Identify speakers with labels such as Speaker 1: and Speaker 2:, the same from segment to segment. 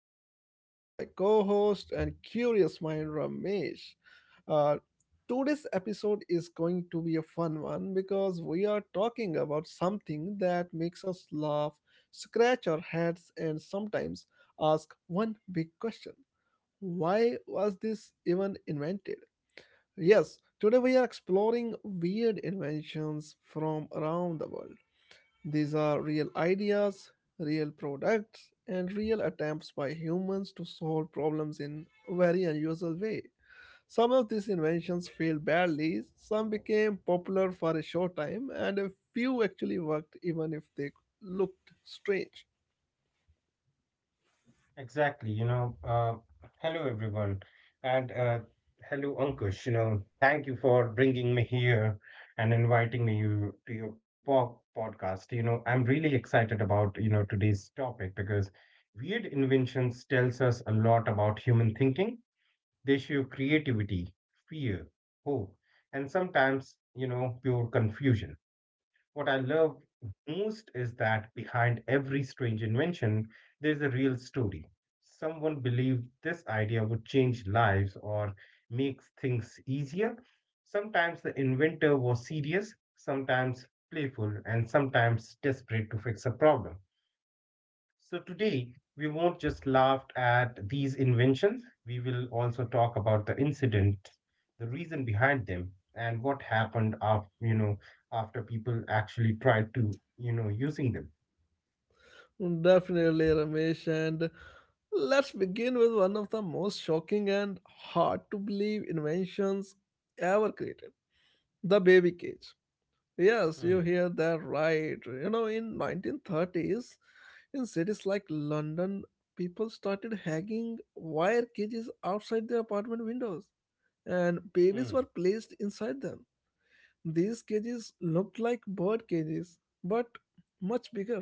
Speaker 1: I'm joined by my co host and curious mind, Ramesh. Uh, Today's episode is going to be a fun one because we are talking about something that makes us laugh, scratch our heads, and sometimes ask one big question. Why was this even invented? Yes, today we are exploring weird inventions from around the world. These are real ideas, real products, and real attempts by humans to solve problems in a very unusual way. Some of these inventions failed badly, some became popular for a short time, and a few actually worked even if they looked strange.
Speaker 2: Exactly, hello everyone, and hello Ankush. Thank you for bringing me here and inviting me you, to your po podcast. I'm really excited about today's topic because weird inventions tells us a lot about human thinking. They show creativity, fear, hope, and sometimes pure confusion. What I love most is that behind every strange invention, there's a real story. Someone believed this idea would change lives or make things easier. Sometimes the inventor was serious, sometimes playful, and sometimes desperate to fix a problem. So today we won't just laugh at these inventions, we will also talk about the incident, the reason behind them, and what happened after you know after people actually tried to using them.
Speaker 1: Definitely, Ramesh. And let's begin with one of the most shocking and hard to believe inventions ever created, the baby cage. Yes, you
Speaker 2: Hmm.
Speaker 1: hear that right. You know, in 1930s, in cities like London, people started hanging wire cages outside their apartment windows, and babies
Speaker 2: Hmm.
Speaker 1: were placed inside them. These cages looked like bird cages, but much bigger.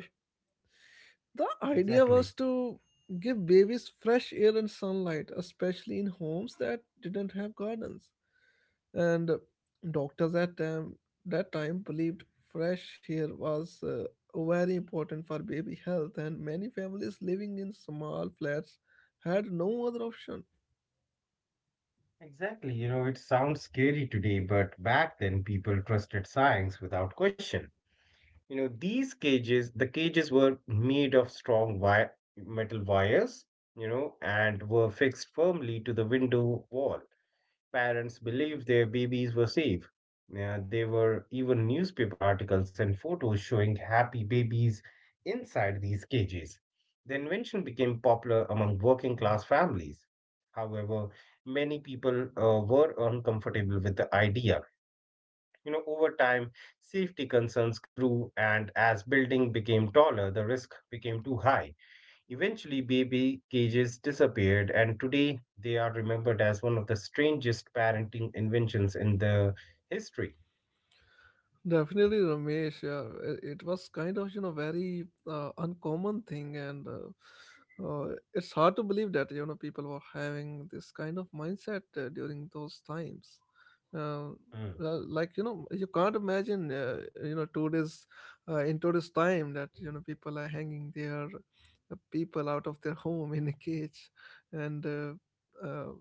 Speaker 1: The idea
Speaker 2: Exactly.
Speaker 1: was to give babies fresh air and sunlight, especially in homes that didn't have gardens. And doctors at time, that time, believed fresh air was very important for baby health, and many families living in small flats had no other option.
Speaker 2: Exactly. It sounds scary today, but back then people trusted science without question. These cages were made of strong wire, metal wires, and were fixed firmly to the window wall. Parents believed their babies were safe. Yeah, there were even newspaper articles and photos showing happy babies inside these cages. The invention became popular among working class families. However, many people were uncomfortable with the idea. Over time, safety concerns grew, and as building became taller, the risk became too high. Eventually, baby cages disappeared, and today they are remembered as one of the strangest parenting inventions in the history.
Speaker 1: Definitely, Ramesh. Yeah, it was kind of you know very uncommon thing, and it's hard to believe that you know people were having this kind of mindset during those times. Uh,
Speaker 2: Mm.
Speaker 1: like you know, you can't imagine you know today's in today's time that you know people are hanging their people out of their home in a cage, and uh,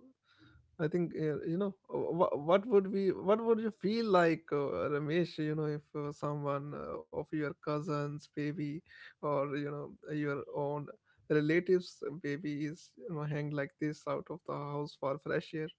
Speaker 1: I think you know what would be what would you feel like Ramesh, you know, if someone of your cousins baby or you know your own relatives baby is you know hang like this out of the house for fresh air.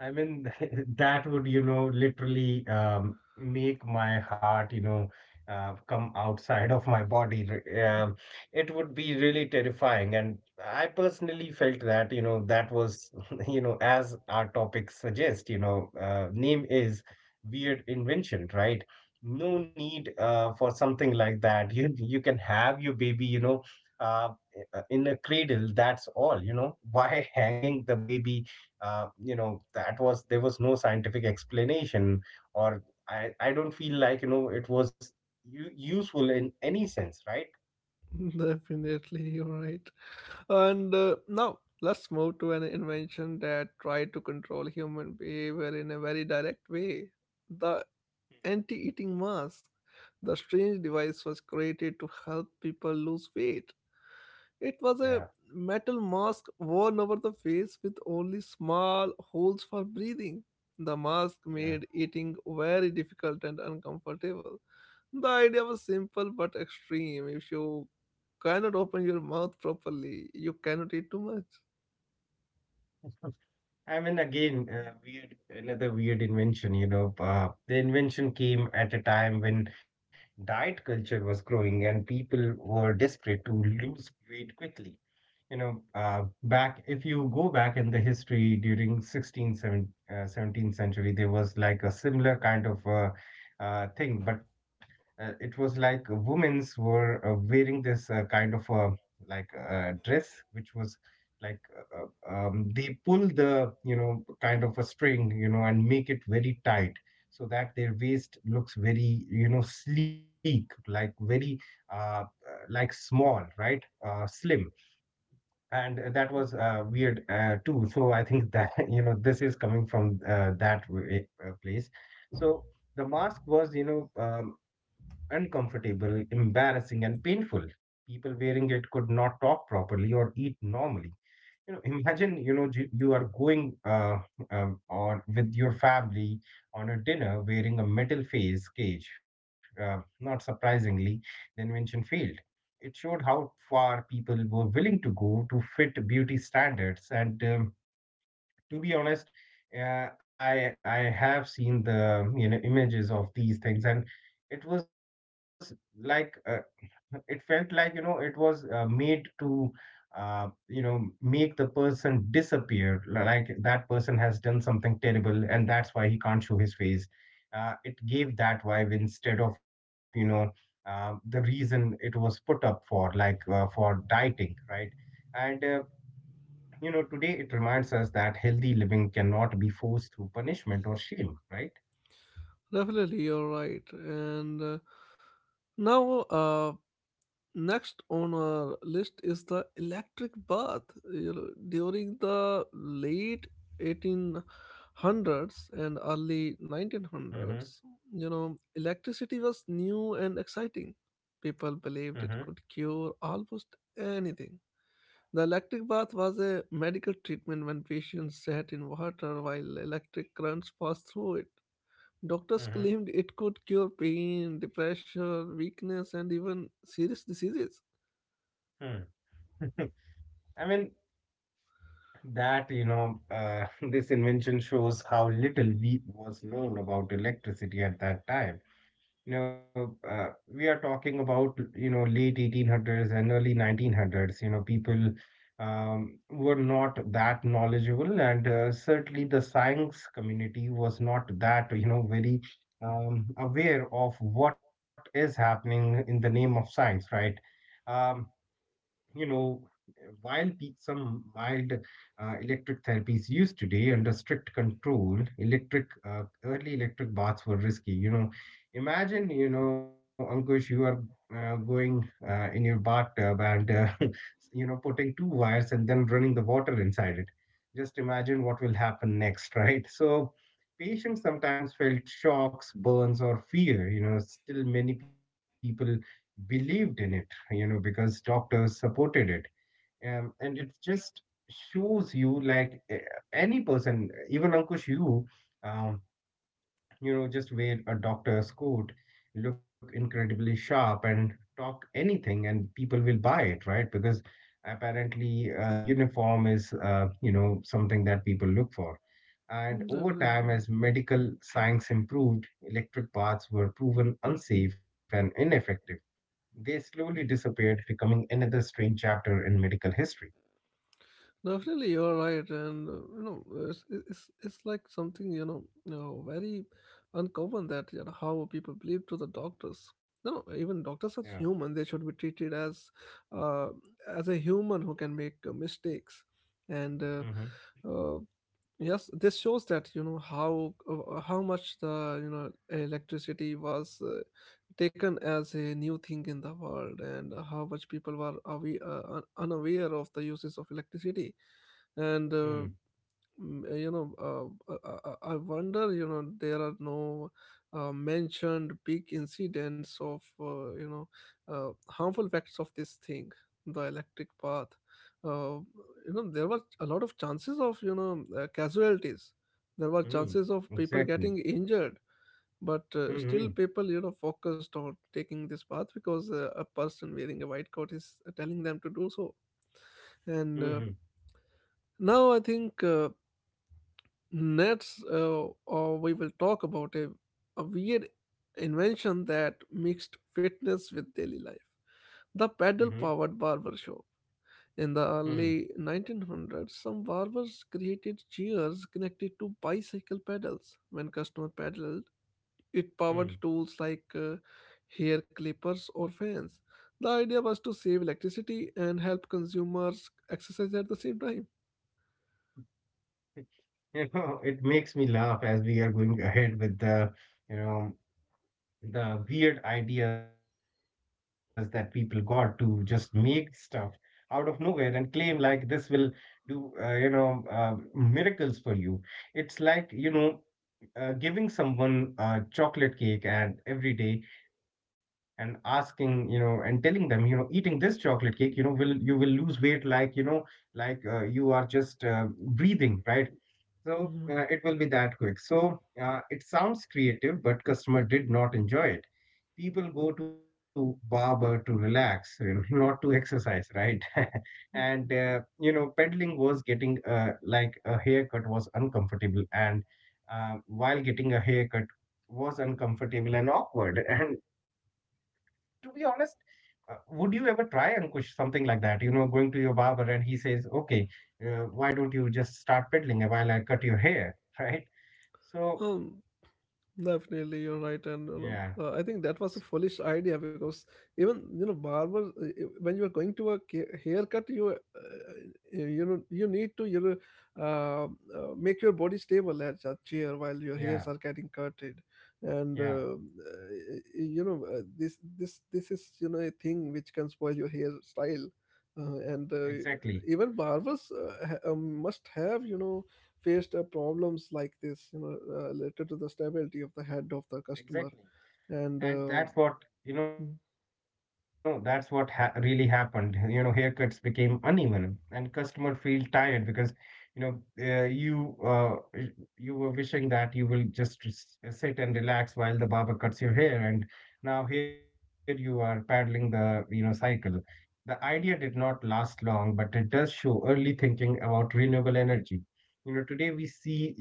Speaker 2: I mean, that would, you know, literally make my heart, you know, come outside of my body. It would be really terrifying. And I personally felt that, you know, that was, you know, as our topic suggests, you know, name is weird invention, right? No need for something like that. You can have your baby, you know, uh, in a cradle. That's all, you know. Why hanging the baby? You know that was there was no scientific explanation or I don't feel like you know it was useful in any sense, right?
Speaker 1: Definitely, you're right and Now let's move to an invention that tried to control human behavior in a very direct way, the
Speaker 2: Hmm.
Speaker 1: anti eating mask. The strange device was created to help people lose weight. It was
Speaker 2: Yeah.
Speaker 1: a metal mask worn over the face with only small holes for breathing. The mask
Speaker 2: Yeah.
Speaker 1: made eating very difficult and uncomfortable. The idea was simple but extreme. If you cannot open your mouth properly, you cannot eat too much.
Speaker 2: I mean, again, weird, another weird invention, you know. The invention came at a time when diet culture was growing and people were desperate to lose weight quickly. You know, back if you go back in the history during 16th, 17th, 17th century, there was like a similar kind of thing, but it was like women's were wearing this kind of dress, which was like they pull the you know kind of a string, you know, and make it very tight, so that their waist looks very, you know, sleek, like very, uh, uh, like small, right? Slim. And that was weird too. So I think that you know this is coming from that way, place. So the mask was uncomfortable, embarrassing, and painful. People wearing it could not talk properly or eat normally. You know, imagine, you know, you are going on with your family on a dinner wearing a metal face cage. Not surprisingly, the invention failed. It showed how far people were willing to go to fit beauty standards. And to be honest, I have seen the you know images of these things, and it was like it felt like, you know, it was made to, you know, make the person disappear. Like that person has done something terrible and that's why he can't show his face. It gave that vibe instead of, you know, the reason it was put up for, for dieting, right? And, you know, today it reminds us that healthy living cannot be forced through punishment or shame, right?
Speaker 1: Definitely, you're right. Now, uh, Next on our list is the electric bath. You know, during the late 1800s and early
Speaker 2: Mm-hmm.
Speaker 1: 1900s, you know, electricity was new and exciting. People believed
Speaker 2: Mm-hmm.
Speaker 1: it could cure almost anything. The electric bath was a medical treatment when patients sat in water while electric currents passed through it. Doctors
Speaker 2: Mm-hmm.
Speaker 1: claimed it could cure pain, depression, weakness, and even serious diseases.
Speaker 2: Hmm. I mean, that, you know, this invention shows how little we was known about electricity at that time. You know, we are talking about, you know, late 1800s and early 1900s. You know, people were not that knowledgeable, and certainly the science community was not that, you know, very aware of what is happening in the name of science, right? Um, you know, while some mild electric therapy is used today under strict control, electric early electric baths were risky. You know, imagine, you know, Ankush, you are going in your bathtub and you know putting two wires and then running the water inside it. Just imagine what will happen next, right? So. Patients sometimes felt shocks, burns, or fear. You know, still many people believed in it, you know, because doctors supported it. And it just shows you like any person, even Ankush, you, um, you know, just wear a doctor's coat, look incredibly sharp and talk anything, and people will buy it, right? Because apparently, uniform is, you know, something that people look for. And
Speaker 1: Mm.
Speaker 2: over time,
Speaker 1: Definitely,
Speaker 2: as medical science improved, electric paths were proven unsafe and ineffective. They slowly disappeared, becoming another strange chapter in medical history.
Speaker 1: definitely, you're right, and You know, it's like something you know, very uncommon that you know how people believe to the doctors. No, even doctors are
Speaker 2: Yeah.
Speaker 1: human; they should be treated uh, as a human who can make mistakes, and
Speaker 2: Mm-hmm.
Speaker 1: uh, yes, this shows that you know how much the you know electricity was taken as a new thing in the world, and how much people were unaware of the uses of electricity, and
Speaker 2: Mm.
Speaker 1: I wonder you know there are no mentioned big incidents of harmful effects of this thing, the electric path uh, you know there were a lot of chances of casualties. There were
Speaker 2: Mm.
Speaker 1: chances of people
Speaker 2: Exactly.
Speaker 1: getting injured, but still
Speaker 2: Mm-hmm.
Speaker 1: people you know focused on taking this path because a person wearing a white coat is telling them to do so. And
Speaker 2: Mm-hmm.
Speaker 1: now I think Next, We will talk about a weird invention that mixed fitness with daily life. The pedal
Speaker 2: Mm-hmm.
Speaker 1: powered barber shop. In the
Speaker 2: Mm.
Speaker 1: early 1900s, some barbers created chairs connected to bicycle pedals. When customer pedaled, it powered
Speaker 2: Mm.
Speaker 1: tools like hair clippers or fans. The idea was to save electricity and help consumers exercise at the same time.
Speaker 2: You know, it makes me laugh as we are going ahead with the, you know, the weird ideas that people got to just make stuff out of nowhere and claim like this will do, miracles for you. It's like, you know, giving someone a chocolate cake and every day and asking, you know, and telling them, you know, eating this chocolate cake, you know, will you will lose weight like, you know, you are just breathing, right? So
Speaker 1: Mhm.
Speaker 2: it will be that quick. So it sounds creative, but customer did not enjoy it. People go to barber to relax and not to exercise, right? And you know peddling was getting like a haircut was uncomfortable, and while getting a haircut was uncomfortable and awkward. And to be honest, would you ever try, Ankush, something like that? You know, going to your barber and he says, "Okay, why don't you just start peddling while I cut your hair?" Right? So
Speaker 1: Um, Definitely, you're right, and you know,
Speaker 2: yeah.
Speaker 1: I think that was a
Speaker 2: S-
Speaker 1: foolish idea because even you know, barber, when you are going to a haircut, you know you need to uh, make your body stable at a chair while your
Speaker 2: yeah,
Speaker 1: hairs are getting cutted,
Speaker 2: yeah,
Speaker 1: and you know this is you know a thing which can spoil your hair style, and
Speaker 2: exactly,
Speaker 1: even barbers must have you know faced problems like this, you know, related to the stability of the head of the
Speaker 2: exactly.
Speaker 1: customer. And
Speaker 2: And that's what, you know, that's what ha really happened. You know, haircuts became uneven and customer feel tired because, you know, you you were wishing that you will just sit and relax while the barber cuts your hair, and now here you are paddling the, you know, cycle. The idea did not last long, but it does show early thinking about renewable energy. You know, today we see, you know,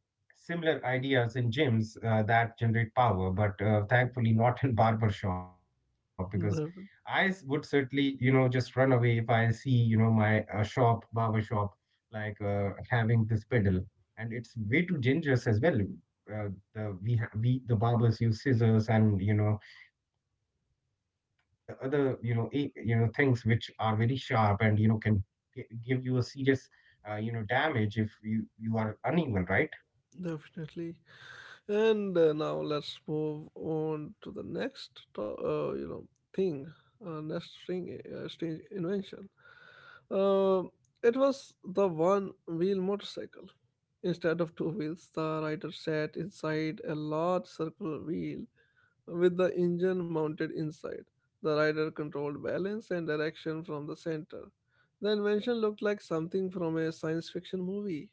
Speaker 2: similar ideas in gyms that generate power, but thankfully not in barber shop because I would certainly, you know, just run away if I see, you know, my barber shop, like having this pedal, and it's way too dangerous as well. Uh, we the barbers use scissors and you know the other you know you know things which are very sharp and you know can give you a serious you know damage if you are uneven, right?
Speaker 1: definitely. And Now let's move on to the next, to- you know, thing, next thing, strange invention. Uh, it was the one wheel motorcycle. Instead of two wheels, the rider sat inside a large circular wheel with the engine mounted inside. The rider controlled balance and direction from the center. The invention looked like something from a science fiction movie.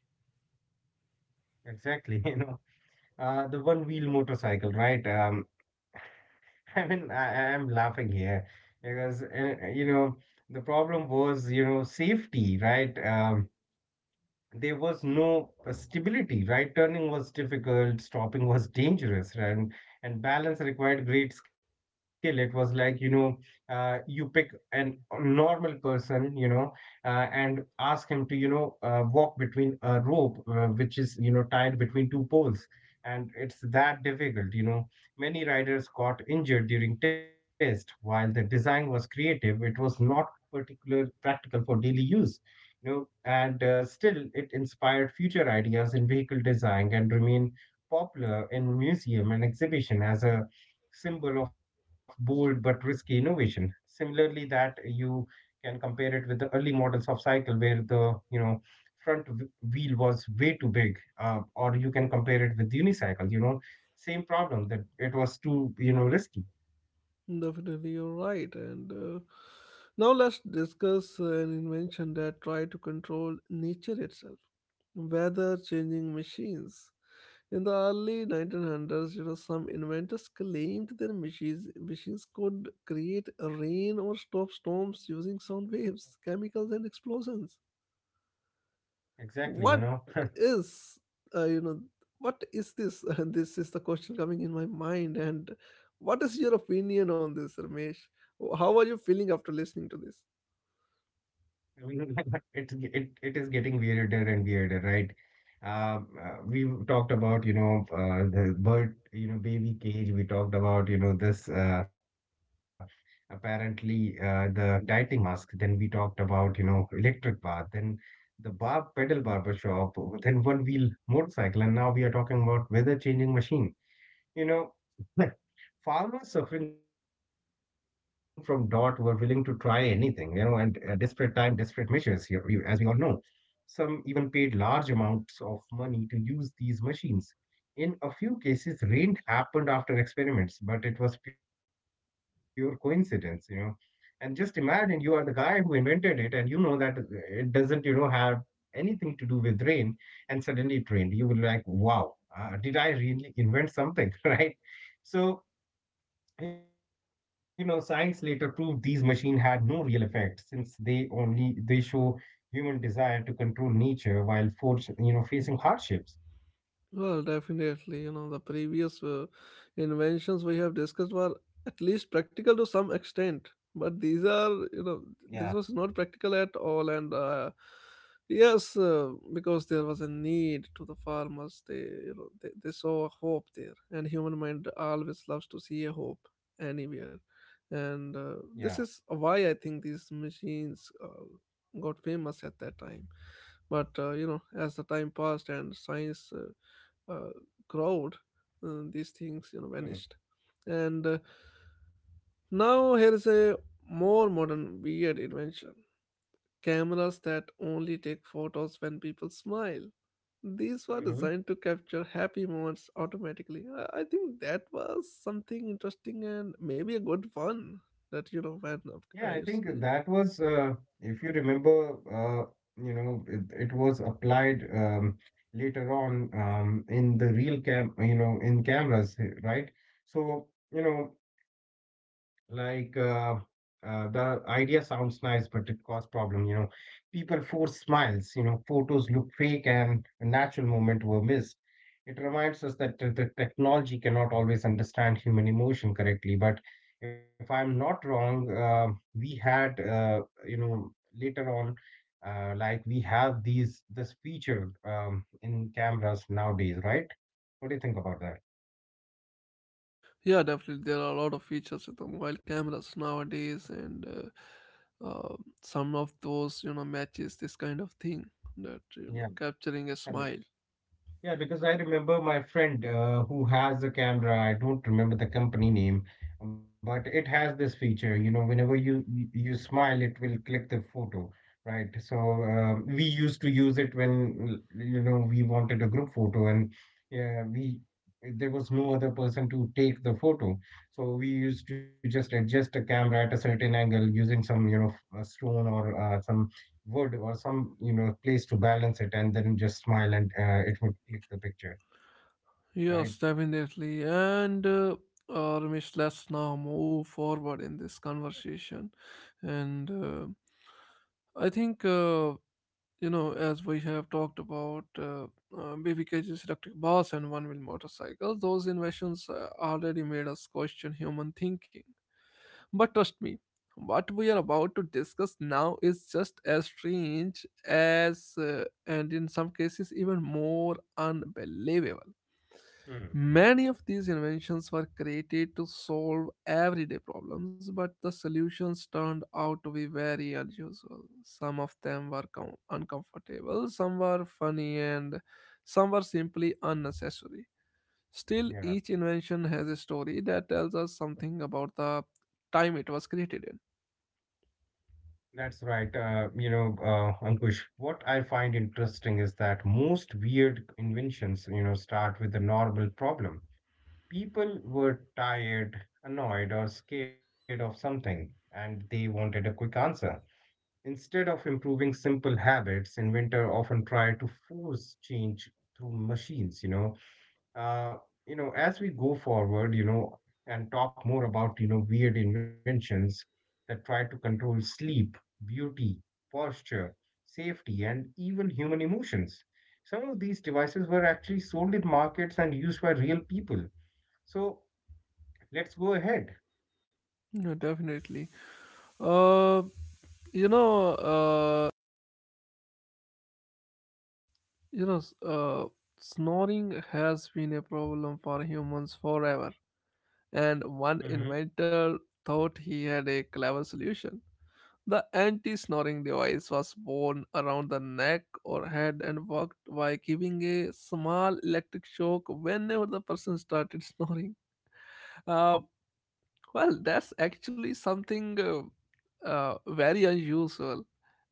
Speaker 2: Exactly, you know, the one wheel motorcycle, right? I mean, I am laughing here because you know the problem was you know safety, right? There was no stability. Right, turning was difficult, stopping was dangerous, right? And balance required great skill. It was like you know you pick an a normal person, you know, and ask him to you know walk between a rope which is you know tied between two poles, and it's that difficult, you know. Many riders got injured during test. While the design was creative, it was not particular practical for daily use, you know. And still it inspired future ideas in vehicle design and remained popular in museum and exhibition as a symbol of bold but risky innovation. Similarly, that you can compare it with the early models of cycle where the you know front w- wheel was way too big, or you can compare it with unicycle. You know, same problem that it was too you know risky.
Speaker 1: Definitely, you're right. And Now let's discuss an invention that tried to control nature itself, weather changing machines. In the early 1900s, you know, some inventors claimed their machines could create rain or stop storms using sound waves, chemicals, and explosions.
Speaker 2: Exactly, you
Speaker 1: What
Speaker 2: know.
Speaker 1: is You know, what is this? This is the question coming in my mind. And what is your opinion on this, Ramesh? How are you feeling after listening to this?
Speaker 2: I mean, It is getting weirder and weirder, right? We've talked about, you know, baby cage. We talked about, you know, this apparently the dieting mask. Then we talked about, you know, electric bath. Then the bar pedal barber shop. Then one wheel motorcycle, and now we are talking about weather changing machine. You know, farmers suffering from drought were willing to try anything, and desperate time, desperate measures here, you, as we all know. Some even paid large amounts of money to use these machines. In a few cases, rain happened after experiments, but it was pure coincidence. And just imagine you are the guy who invented it, and you know that it doesn't have anything to do with rain, and suddenly it rained. You will like, wow did I really invent something, right? So, you know, science later proved these machines had no real effect since they only they show human desire to control nature while force, you know, facing hardships.
Speaker 1: Well, definitely. You know, the previous inventions we have discussed were at least practical to some extent, but these are,
Speaker 2: Yeah,
Speaker 1: you know, this was not practical at all. And Yes, because there was a need to the farmers, they, you know, they saw a hope there, and human mind always loves to see a hope anywhere.
Speaker 2: yeah.
Speaker 1: And This is why I think these machines got famous at that time. But you know, as the time passed and science. uh, crowd, these things
Speaker 2: Hmm.
Speaker 1: you know vanished. And Now here is a more modern weird invention: cameras that only take photos when people smile. These were
Speaker 2: Mhm.
Speaker 1: designed to capture happy moments automatically. I think that was something interesting and maybe a good fun. That you know when
Speaker 2: Yeah, I
Speaker 1: you
Speaker 2: think
Speaker 1: s-
Speaker 2: that was, if you remember, you know, it was applied later on in the real cam, you know, in cameras, eh, right? So, you know, Like uh, the idea sounds nice, but it cause problem. People force smiles. You know, photos look fake, and a natural moment were missed. It reminds us that the technology cannot always understand human emotion correctly. But if I'm not wrong, we had you know later on, like we have these this feature in cameras nowadays, right? What do you think about that?
Speaker 1: Yeah, definitely. There are a lot of features with the mobile cameras nowadays, and some of those, you know, matches this kind of thing that, you know,
Speaker 2: Yeah.
Speaker 1: capturing a smile.
Speaker 2: Yeah, because I remember my friend who has a camera. I don't remember the company name, but it has this feature. You know, whenever you smile, it will click the photo, right? So we used to use it when you know we wanted a group photo, and yeah, we there was no other person to take the photo, so we used to just adjust the camera at a certain angle using some you know a stone or some wood or some you know place to balance it and then just smile and it would click the picture, right.
Speaker 1: Yes, definitely. And Ramesh, let's now move forward in this conversation. And I think, you know, as we have talked about BBKG's electric bus and one wheel motorcycle, those inventions already made us question human thinking. But trust me, what we are about to discuss now is just as strange as, and in some cases, even more unbelievable.
Speaker 2: Hmm.
Speaker 1: Many of these inventions were created to solve everyday problems, but the solutions turned out to be very unusual. Some of them were uncomfortable, some were funny, and some were simply unnecessary. Still,
Speaker 2: Yeah,
Speaker 1: each invention has a story that tells us something about the time it was created in.
Speaker 2: that's right, you know, Ankush, what I find interesting is that most weird inventions you know start with the normal problem. People were tired, annoyed, or scared of something, and they wanted a quick answer. Instead of improving simple habits, inventor often try to force change through machines, you know. Uh, you know, as we go forward, you know, and talk more about, you know, weird inventions that try to control sleep, beauty, posture, safety, and even human emotions. Some of these devices were actually sold in markets and used by real people. So let's go ahead.
Speaker 1: Yeah, definitely. Uh, you know, uh, you know, s- uh, Snoring has been a problem for humans forever, and one
Speaker 2: Mm-hmm.
Speaker 1: inventor thought he had a clever solution. The anti snoring device was worn around the neck or head and worked by giving a small electric shock whenever the person started snoring. Uh, well, that's actually something very unusual.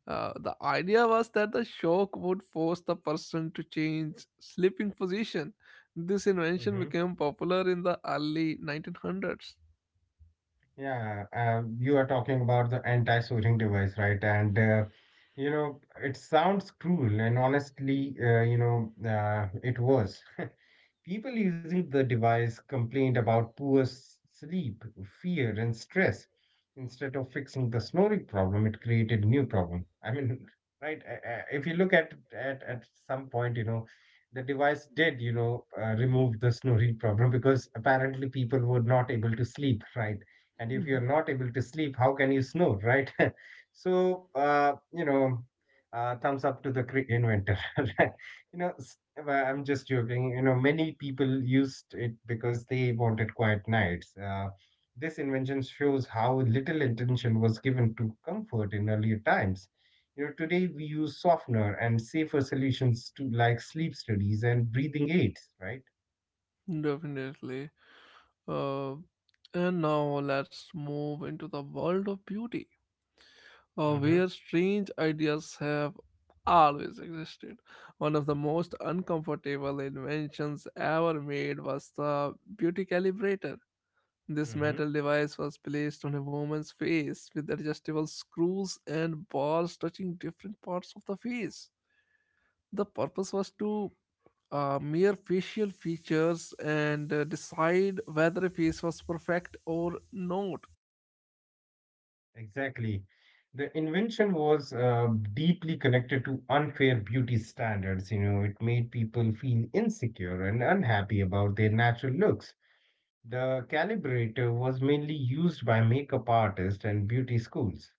Speaker 1: The idea was that the shock would force the person to change sleeping position. This invention
Speaker 2: Mm-hmm.
Speaker 1: became popular in the early 1900s.
Speaker 2: Yeah, you are talking about the anti-swearing device, right? And you know, it sounds cruel, and honestly, you know, it was. People using the device complained about poor sleep, fear, and stress. Instead of fixing the snoring problem, it created new problem. I mean, right? If you look at some point, you know, the device did, you know, remove the snoring problem because apparently people were not able to sleep, right? And if you're
Speaker 1: Mhm.
Speaker 2: not able to sleep, how can you snore, right? You know, thumbs up to the inventor. You know, s- well, I'm just joking. You know, many people used it because they wanted quiet nights. This invention shows how little attention was given to comfort in earlier times. You know, today we use softener and safer solutions to like sleep studies and breathing aids, right?
Speaker 1: Definitely. Uh, and now let's move into the world of beauty,
Speaker 2: Mm-hmm.
Speaker 1: where strange ideas have always existed. One of the most uncomfortable inventions ever made was the beauty calibrator. This
Speaker 2: Mm-hmm.
Speaker 1: metal device was placed on a woman's face with adjustable screws and bars touching different parts of the face. The purpose was to mere facial features and decide whether a face was perfect or not.
Speaker 2: Exactly. The invention was deeply connected to unfair beauty standards. You know, it made people feel insecure and unhappy about their natural looks. The calibrator was mainly used by makeup artists and beauty schools.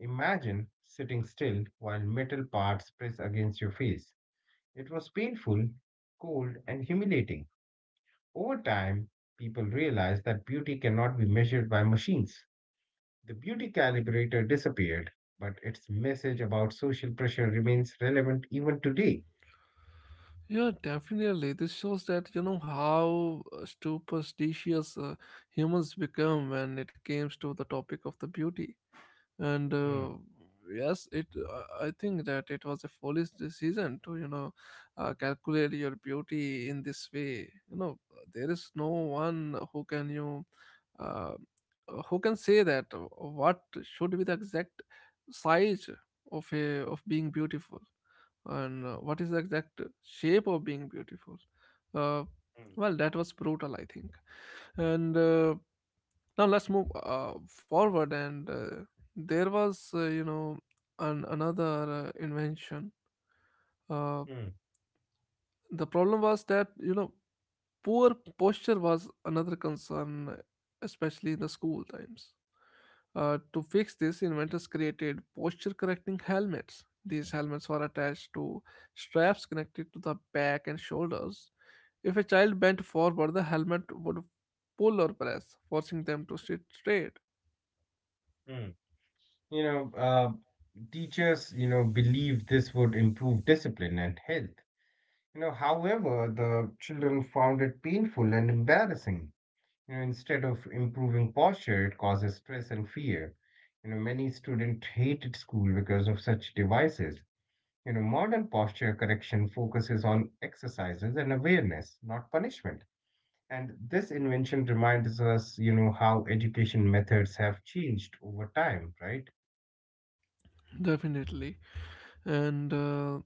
Speaker 2: Imagine sitting still while metal parts press against your face. It was painful, cold, and humiliating. Over time, people realized that beauty cannot be measured by machines. The beauty calibrator disappeared, but its message about social pressure remains relevant even today.
Speaker 1: Yeah, definitely. This shows that you know how superstitious humans become when it comes to the topic of the beauty and
Speaker 2: Hmm,
Speaker 1: yes it I think that it was a foolish decision to you know calculate your beauty in this way, there is no one who can you uh, who can say that what should be the exact size of a of being beautiful and what is the exact shape of being beautiful uh,
Speaker 2: hmm,
Speaker 1: well, that was brutal, I think. And Now let's move forward. And There was you know another invention. uh,
Speaker 2: hmm,
Speaker 1: the problem was that you know poor posture was another concern, especially in the school times. To fix this, inventors created posture correcting helmets. These helmets were attached to straps connected to the back and shoulders. If a child bent forward, the helmet would pull or press, forcing them to sit straight.
Speaker 2: hmm. You know, teachers, you know, believed this would improve discipline and health. You know, however, the children found it painful and embarrassing. You know, instead of improving posture, it causes stress and fear. You know, many students hated school because of such devices. You know, modern posture correction focuses on exercises and awareness, not punishment. And this invention reminds us, you know, how education methods have changed over time, right?
Speaker 1: Definitely. And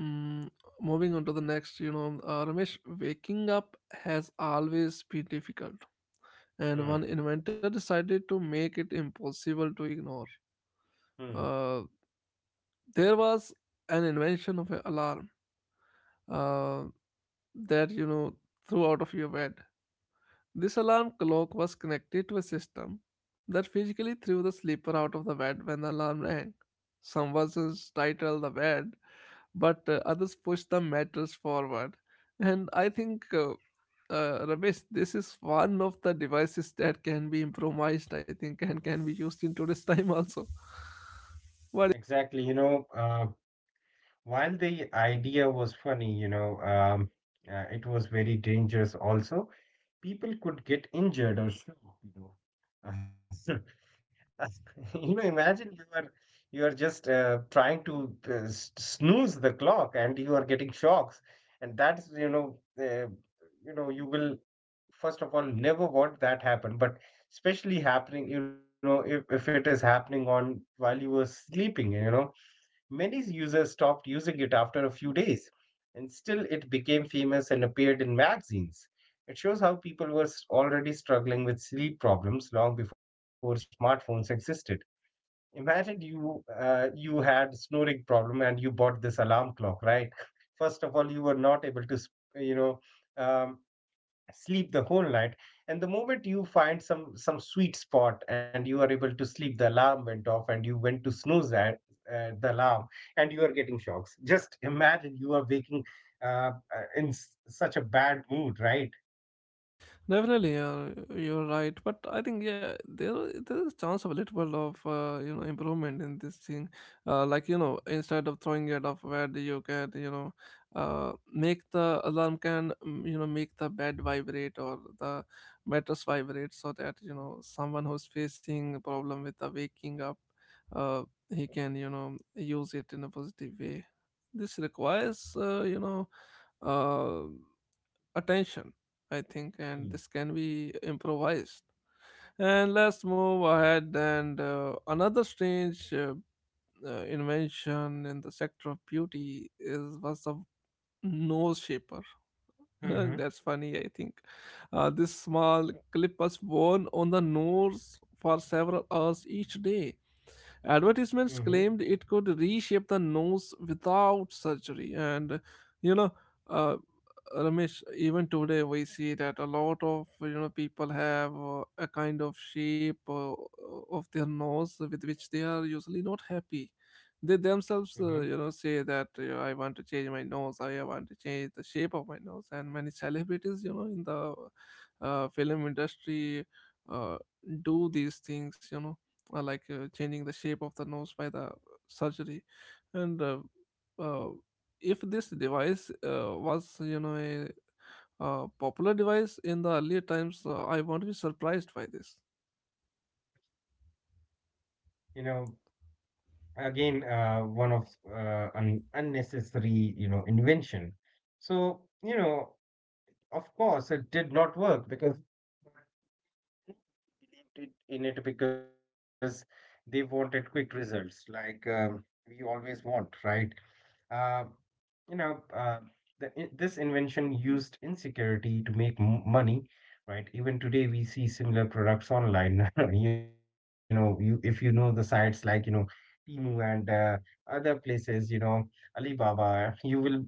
Speaker 1: mm, moving on to the next, you know, Ramesh, waking up has always been difficult, and
Speaker 2: Hmm.
Speaker 1: one inventor decided to make it impossible to ignore.
Speaker 2: Hmm.
Speaker 1: Uh, there was an invention of an alarm uh, that you know threw out of your bed. This alarm clock was connected to a system that physically threw the sleeper out of the bed when the alarm rang. Some versions title the bed, but others push the matters forward. And I think, Ramesh, this is one of the devices that can be improvised, I think, and can be used in today's time also. What?
Speaker 2: Exactly, you know, while the idea was funny, you know, it was very dangerous also. People could get injured or shot, you know. Uh, You know, imagine you are just trying to snooze the clock and you are getting shocks, and that's, you know, you know, you will first of all never want that happen, but especially happening, you know, if it is happening on while you were sleeping, you know. Many users stopped using it after a few days, and still it became famous and appeared in magazines. It shows how people were already struggling with sleep problems long before smartphones existed. Imagine you had snoring problem and you bought this alarm clock, right? First of all, you were not able to, you know, um, sleep the whole night, and the moment you find some sweet spot and you are able to sleep, the alarm went off and you went to snooze at the alarm, and you are getting shocks. Just imagine you are waking uh, in such a bad mood, right?
Speaker 1: Definitely, you're right. But I think yeah, there is a chance of a little bit of you know improvement in this thing. Like you know, instead of throwing it off bed, you can, you know, make the alarm can, you know, make the bed vibrate or the mattress vibrate, so that you know someone who's facing a problem with the waking up, uh, he can you know use it in a positive way. This requires you know. Uh, Attention, I think, and this
Speaker 2: Mm-hmm.
Speaker 1: can be improvised. And let's move ahead. And another strange invention in the sector of beauty is was the nose shaper. That's
Speaker 2: Hmm,
Speaker 1: funny, I think. This small clip was worn on the nose for several hours each day. Advertisements claimed it could reshape the nose without surgery. And, you know, uh, Ramesh, even today we see that a lot of, you know, people have a kind of shape of their nose with which they are usually not happy. They themselves, you
Speaker 2: hmm.
Speaker 1: know, say that you I want to change my nose, I want to change the shape of my nose, and many celebrities, you know, in the film industry uh, do these things, you know, like changing the shape of the nose by the surgery, and uh, if this device was you know a popular device in the earlier times, I won't be surprised by this.
Speaker 2: You know, again, one of an unnecessary you know invention. So you know, of course it did not work because believed it, in it, because they wanted quick results, like we always want, right? Uh, you know, this invention used insecurity to make money, right? Even today, we see similar products online. You know, you if you know the sites like you know, Temu and other places, you know, Alibaba, you will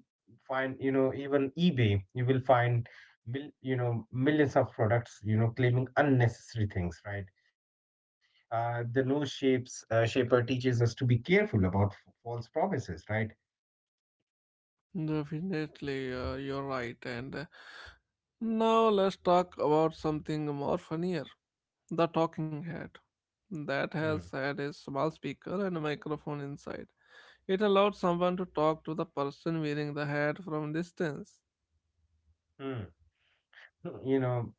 Speaker 2: find you know even eBay, you will find you know millions of products, you know, claiming unnecessary things, right? The nose shapes shaper teaches us to be careful about false promises, right?
Speaker 1: Definitely, you're right. And now let's talk about something more funnier, the talking head. That has had a small speaker and a microphone inside. It allowed someone to talk to the person wearing the hat from distance.
Speaker 2: Hmm. You know,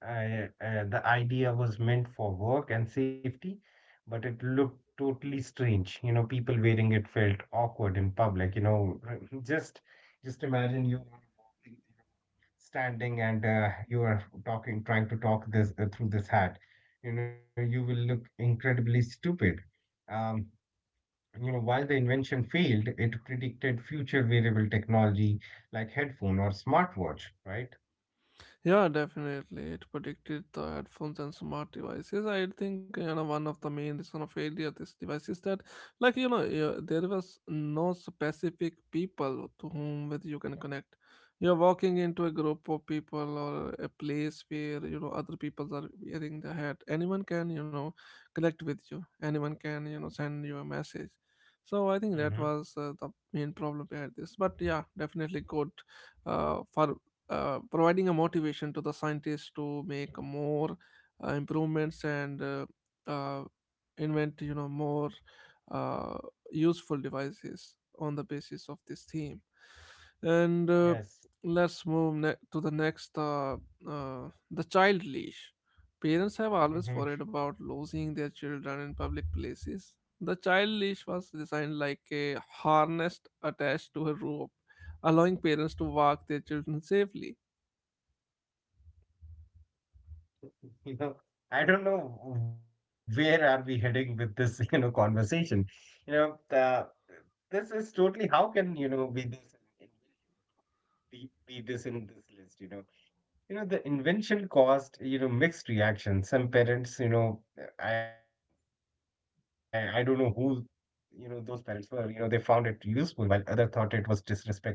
Speaker 2: I, the idea was meant for work and safety, but it looked totally strange. You know, people wearing it felt awkward in public. You know, just just imagine you are walking, standing, and you are talking, trying to talk this through this hat. You know, you will look incredibly stupid. Um, you know, while the invention failed, it predicted future wearable technology like headphone or smartwatch, right?
Speaker 1: Yeah, definitely. It predicted the headphones and smart devices. I think you know one of the main reason of failure of this device is that, like you know, yeah, there was no specific people to whom with you can connect. You're walking into a group of people or a place where you know other people are wearing the hat. Anyone can you know connect with you. Anyone can you know send you a message. So I think that
Speaker 2: Mm-hmm.
Speaker 1: was the main problem behind this. But yeah, definitely good for providing a motivation to the scientists to make more improvements and uh, invent you know more uh, useful devices on the basis of this theme, and
Speaker 2: Yes.
Speaker 1: let's move to the next uh, the child leash. Parents have always
Speaker 2: Mhm.
Speaker 1: worried about losing their children in public places. The child leash was designed like a harness attached to a rope, allowing parents to walk their children safely.
Speaker 2: You know, I don't know where are we heading with this you know conversation. You know this is totally how can you know be this in this list, you know. You know, the invention caused, you know, mixed reactions. Some parents, you know, I don't know who, you know, those parents were, you know, they found it useful while other thought it was disrespectful.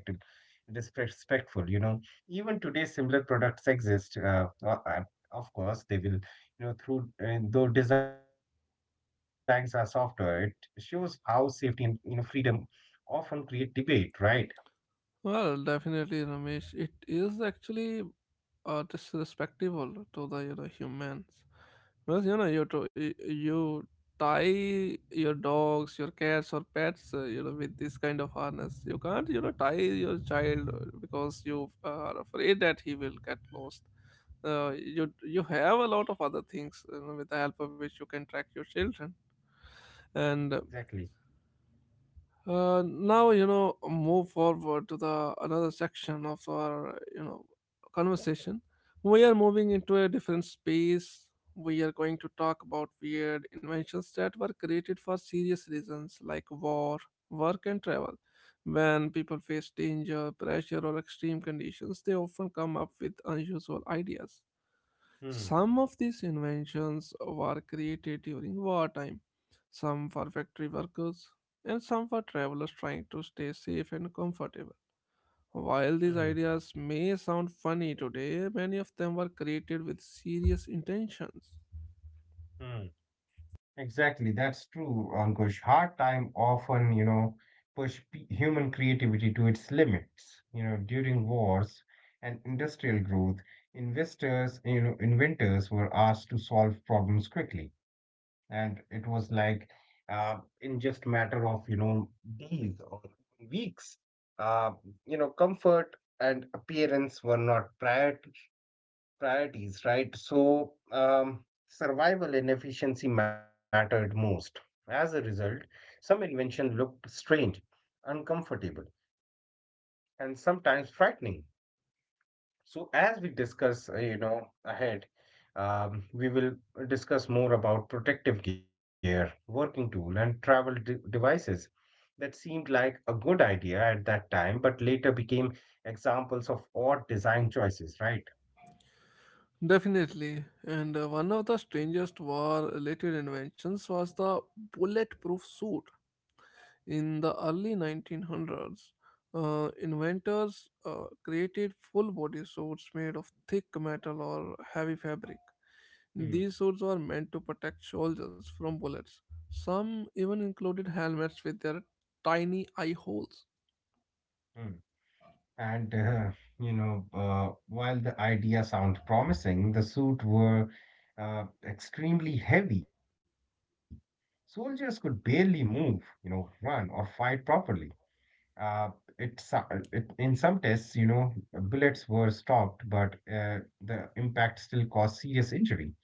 Speaker 2: Disrespectful, you know. Even today, similar products exist. Of course, they will, you know, through, and though designs are softer, it shows how safety and, you know, freedom often create debate, right?
Speaker 1: Well, definitely, Ramesh. It is actually disrespectful to the you know humans, because you know you tie your dogs, your cats, or pets, you know, with this kind of harness. You can't you know tie your child, because you are afraid that he will get lost. Uh, you have a lot of other things, you know, with the help of which you can track your children, and
Speaker 2: Exactly.
Speaker 1: now you know move forward to the another section of our you know conversation. We are moving into a different space. We are going to talk about weird inventions that were created for serious reasons like war, work, and travel. When people face danger, pressure, or extreme conditions, they often come up with unusual ideas.
Speaker 2: Hmm,
Speaker 1: Some of these inventions were created during wartime, some for factory workers, and some for travelers trying to stay safe and comfortable. While these
Speaker 2: hmm,
Speaker 1: ideas may sound funny today, many of them were created with serious intentions.
Speaker 2: hmm. Exactly, that's true, Ankush. Hard time often, you know, push p human creativity to its limits. You know, during wars and industrial growth, inventors were asked to solve problems quickly, and it was like in just matter of, you know, days or weeks. Uh, you know, comfort and appearance were not priority priorities, right? So, survival and efficiency mattered most. As a result, some invention looked strange, uncomfortable, and sometimes frightening. So, as we discuss, you know, ahead, we will discuss more about protective gear, working tool, and travel devices that seemed like a good idea at that time, but later became examples of odd design choices, right?
Speaker 1: Definitely, and one of the strangest war related inventions was the bulletproof suit. In the early 1900s, inventors created full body suits made of thick metal or heavy fabric.
Speaker 2: Hmm,
Speaker 1: These suits were meant to protect soldiers from bullets. Some even included helmets with their tiny eye holes.
Speaker 2: hmm. And you know, while the idea sounds promising, the suits were extremely heavy. Soldiers could barely move, you know, run or fight properly. Uh, it, so- it in some tests, you know, bullets were stopped, but the impact still caused serious injury.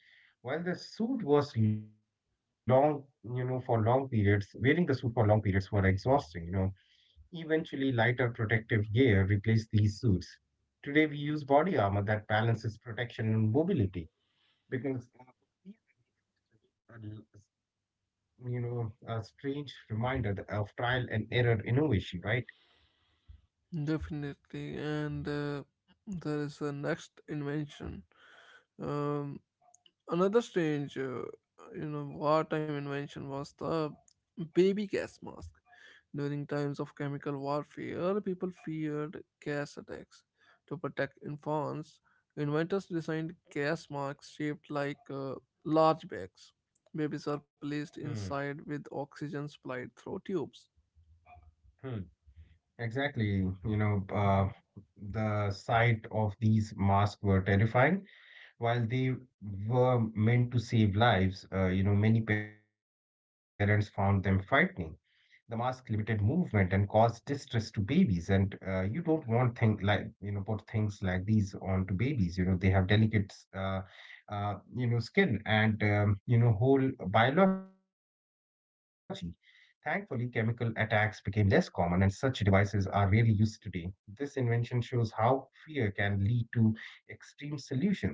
Speaker 2: While the suit was long, you know, for long periods, wearing the suit for long periods were exhausting. You know, eventually lighter protective gear replaced these suits. Today we use body armor that balances protection and mobility because these are you know a strange reminder of trial and error innovation, right?
Speaker 1: Definitely. And there is the next invention. Um, Another strange, you know, wartime invention was the baby gas mask. During times of chemical warfare, people feared gas attacks. To protect infants, inventors designed gas masks shaped like large bags. Babies are placed
Speaker 2: Hmm.
Speaker 1: inside with oxygen supplied through tubes.
Speaker 2: Hmm. Exactly. You know, the sight of these masks were terrifying. While they were meant to save lives, many parents found them frightening. The mask limited movement and caused distress to babies, and you don't want think like put things like these on to babies. They have delicate skin and whole biology. Thankfully, chemical attacks became less common, and such devices are rarely used today. This invention shows how fear can lead to extreme solutions.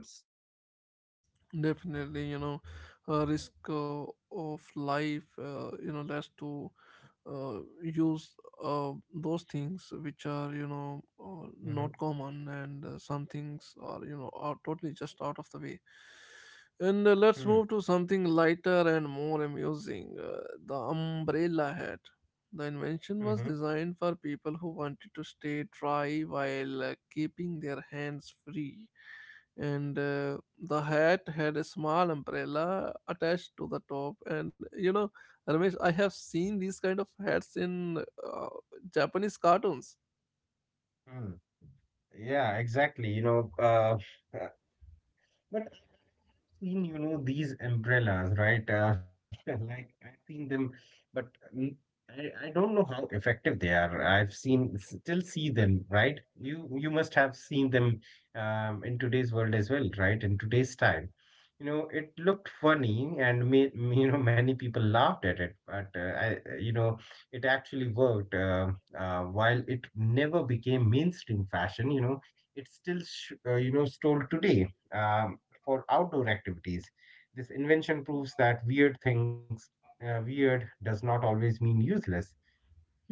Speaker 1: Definitely, you know, risk of life, you know, less to use those things which are you know
Speaker 2: Hmm.
Speaker 1: not common, and some things are you know are totally just out of the way. And let's
Speaker 2: Hmm.
Speaker 1: move to something lighter and more amusing, the umbrella hat. The invention was
Speaker 2: Hmm.
Speaker 1: designed for people who wanted to stay dry while keeping their hands free, and the hat had a small umbrella attached to the top, and you know, Ramesh, I have seen these kind of hats in uh, Japanese cartoons.
Speaker 2: Hmm. Yeah, exactly. Uh, but seen, these umbrellas, right? Like I've seen them, but n- I don't know how effective they are. I've seen, still see them, right? You must have seen them in today's world as well, right? In today's time, it looked funny, and made many people laughed at it, but it actually worked. While it never became mainstream fashion, it still, stole today. Um, for outdoor activities. This invention proves that weird things, weird does not always mean useless.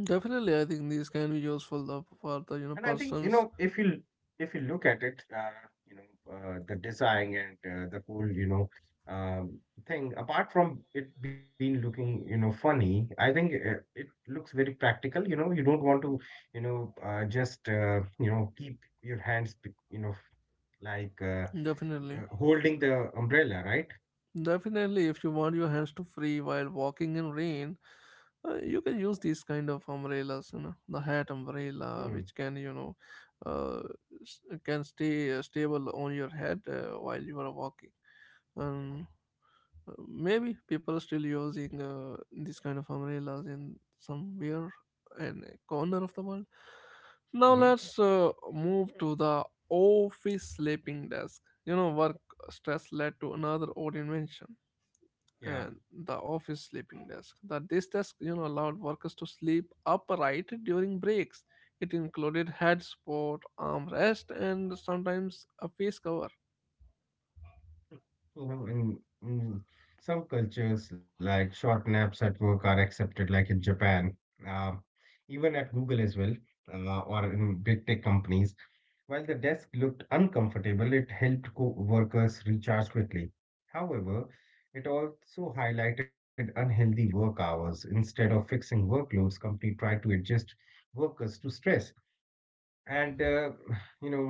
Speaker 1: Definitely, I think these can be useful though for the you know
Speaker 2: And I think,
Speaker 1: persons.
Speaker 2: if you look at it, the design and the whole, um, thing, apart from it being looking, funny. I think it looks very practical. You know, you don't want to, just, keep your hands, like
Speaker 1: Definitely,
Speaker 2: holding the umbrella, right?
Speaker 1: definitely, if you want your hands to free while walking in rain, you can use these kind of umbrellas, you know, the hat umbrella,
Speaker 2: Hmm.
Speaker 1: which can you know uh, can stay stable on your head while you are walking. um, Maybe people are still using this kind of umbrellas in somewhere in a corner of the world.
Speaker 2: Yeah.
Speaker 1: Now
Speaker 2: Hmm.
Speaker 1: let's move to the office sleeping desk. You know work stress led to another old invention,
Speaker 2: Yeah.
Speaker 1: and the office sleeping desk. The this desk, you know, allowed workers to sleep upright during breaks. It included head support, armrest, and sometimes a face cover.
Speaker 2: Mm. Some cultures, like short naps at work, are accepted, like in Japan, uh, even at Google as well, or in big tech companies. While the desk looked uncomfortable, it helped co-workers recharge quickly. However, it also highlighted unhealthy work hours. Instead of fixing workloads, company tried to adjust workers to stress, and you know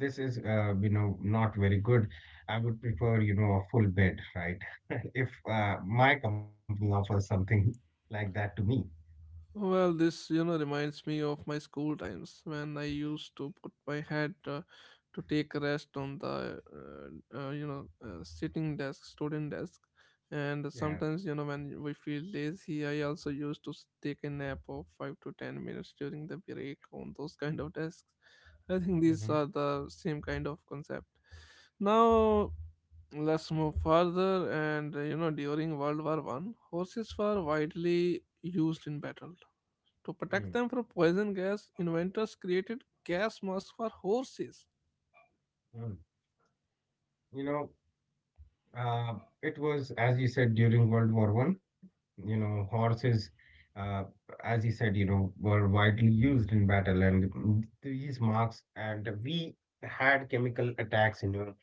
Speaker 2: this is not very good. I would prefer a full bed, right? If my company offers something like that to me.
Speaker 1: Well, this you know reminds me of my school times when I used to put my head, to take a rest on the you know sitting desk, student desk, and
Speaker 2: Yeah.
Speaker 1: sometimes you know when we feel lazy, I also used to take a nap of 5 to 10 minutes during the break on those kind of desks. I think these
Speaker 2: Hmm.
Speaker 1: are the same kind of concept. Now let's move further, and you know during World War One, horses were widely used in battle. To
Speaker 2: Mm.
Speaker 1: protect them from poison gas, inventors created gas masks for horses.
Speaker 2: Mm. you know Uh, it was, as you said, during World War I. Horses, uh, as you said, were widely used in battle, and these marks, and we had chemical attacks, you know,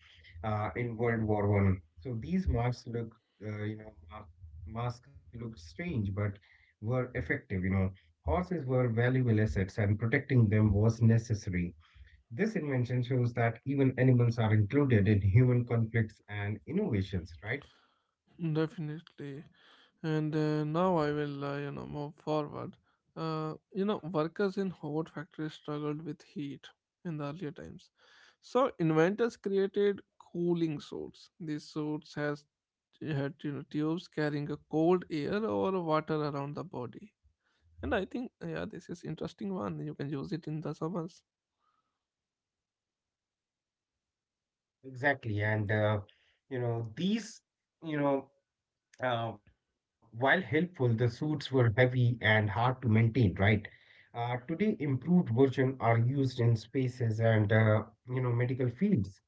Speaker 2: uh, in World War I. So these marks look, uh, you know, ma- masks looked strange, but were effective. Horses were valuable assets, and protecting them was necessary. This invention shows that even animals are included in human conflicts and innovations, right?
Speaker 1: Definitely. And now I will, you know, move forward. You know, workers in hot factories struggled with heat in the earlier times. So inventors created cooling suits. These suits has had you know tubes carrying a cold air or water around the body. And I think yeah, this is interesting one. You can use it in the summers.
Speaker 2: Exactly. And, you know, these, you know, while helpful, the suits were heavy and hard to maintain, right? Today, improved versions are used in spaces and, medical fields.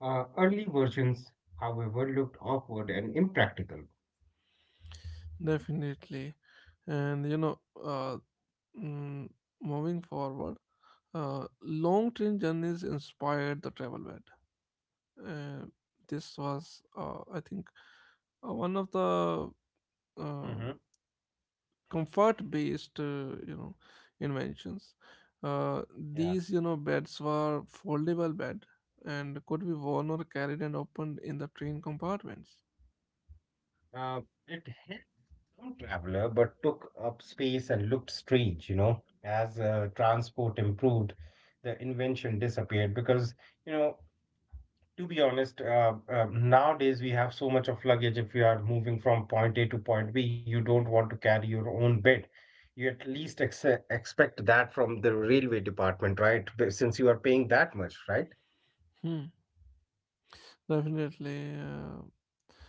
Speaker 2: Early versions, however, looked awkward and impractical.
Speaker 1: Definitely, and you know uh, Mm, moving forward, long train journeys inspired the travel bed. Uh, this was, I think, one of the
Speaker 2: Mm-hmm.
Speaker 1: um comfort-based, you know, inventions.
Speaker 2: Yeah.
Speaker 1: These, you know, beds were foldable bed and could be worn or carried and opened in the train compartments.
Speaker 2: Uh, it helped some traveler, but took up space and looked strange. As transport improved, the invention disappeared because, you know, to be honest, nowadays we have so much of luggage. If you are moving from point A to point B, you don't want to carry your own bed. You at least expect that from the railway department, right? But since you are paying that much, right?
Speaker 1: Hmm. Definitely,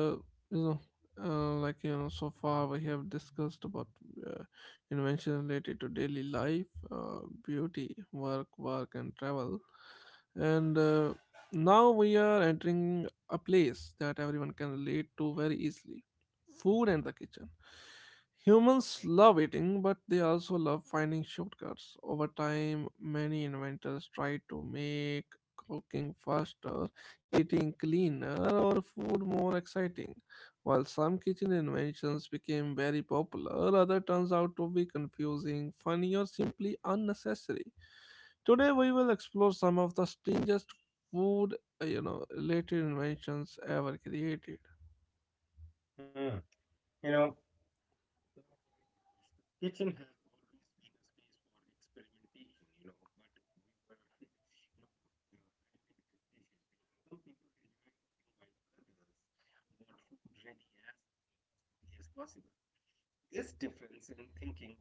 Speaker 1: and you know, like you know, so far we have discussed about uh, inventions related to daily life, beauty, work, work, and travel, and now we are entering a place that everyone can relate to very easily: food and the kitchen. Humans love eating, but they also love finding shortcuts. Over time, many inventors tried to make cooking faster, eating cleaner, or food more exciting. While some kitchen inventions became very popular, other turns out to be confusing, funny, or simply unnecessary. Today we will explore some of the strangest food, you know, related inventions ever created.
Speaker 2: Hmm. You know, Kitchen has always been a space for experimentation, but we were, I meant with dishes. Some people enjoy cooking while others want food ready as quickly as possible. This difference in thinking led to the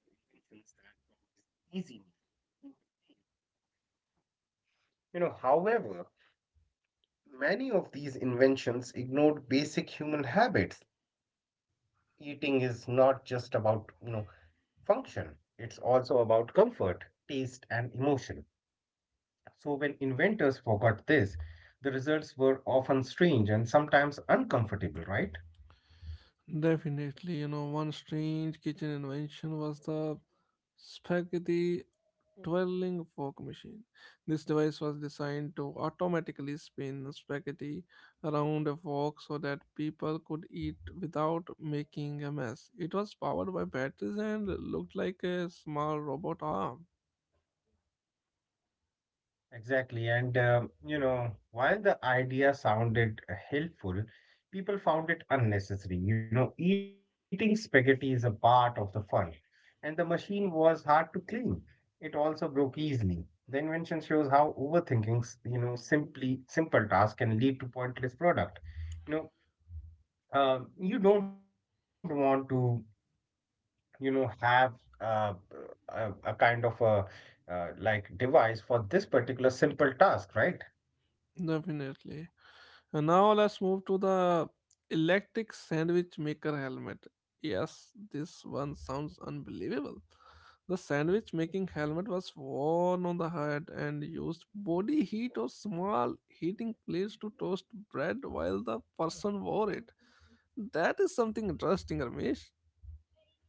Speaker 2: inventions that promise easy meals, perfect taste. However, many of these inventions ignored basic human habits. Eating is not just about, function. It's also about comfort, taste, and emotion. So, when inventors forgot this, the results were often strange and sometimes uncomfortable, right?
Speaker 1: Definitely, you know, one strange kitchen invention was the spaghetti twirling fork machine. This device was designed to automatically spin spaghetti around a fork so that people could eat without making a mess. It was powered by batteries and looked like a small robot arm.
Speaker 2: Exactly. And while the idea sounded helpful, people found it unnecessary. Eating spaghetti is a part of the fun, and the machine was hard to clean. It also broke easily. The invention shows how overthinking simply simple tasks can lead to pointless product. You know, you don't want to, have uh, a kind of a like device for this particular simple task, right?
Speaker 1: Definitely. And now let's move to the electric sandwich maker helmet. Yes, this one sounds unbelievable. The sandwich making helmet was worn on the head and used body heat or small heating plates to toast bread while the person wore it. That is something interesting, Ramesh.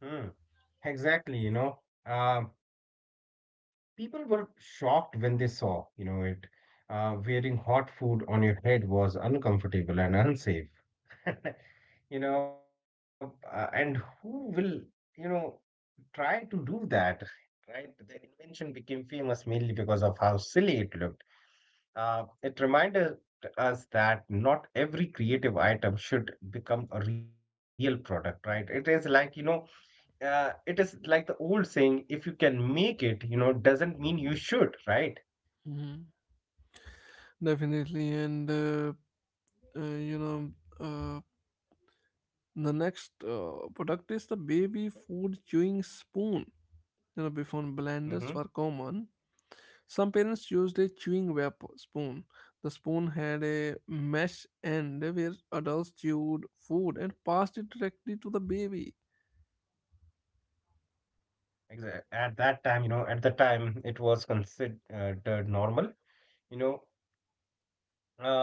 Speaker 2: Hmm. Exactly, um, people were shocked when they saw, it. Wearing hot food on your head was uncomfortable and unsafe, and who will, you know, try to do that, right? The invention became famous mainly because of how silly it looked. It reminded us that not every creative item should become a real product, right? It is like the old saying: if you can make it, doesn't mean you should, right?
Speaker 1: Mhm. Definitely, and uh, you know, uh, the next product is the baby food chewing spoon. You know, before
Speaker 2: Hmm.
Speaker 1: blenders were common, some parents used a chewing web spoon. The spoon had a mesh end where adults chewed food and passed it directly to the baby.
Speaker 2: At that time, at the time, it was considered normal. you know Uh,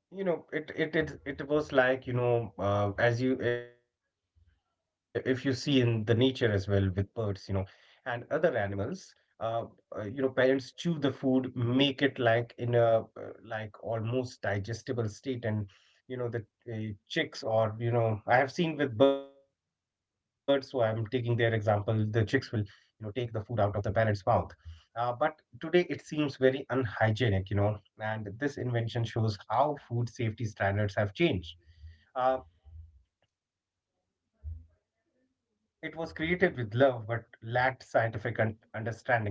Speaker 2: it it it it was like, if you see in the nature as well with birds, and other animals, uh, parents chew the food, make it like in a like almost digestible state. And the chicks, or I have seen with birds, so I'm taking their example. The chicks will take the food out of the parents' mouth. But today it seems very unhygienic, and this invention shows how food safety standards have changed. Uh, it was created with love, but lacked scientific understanding. And you know, it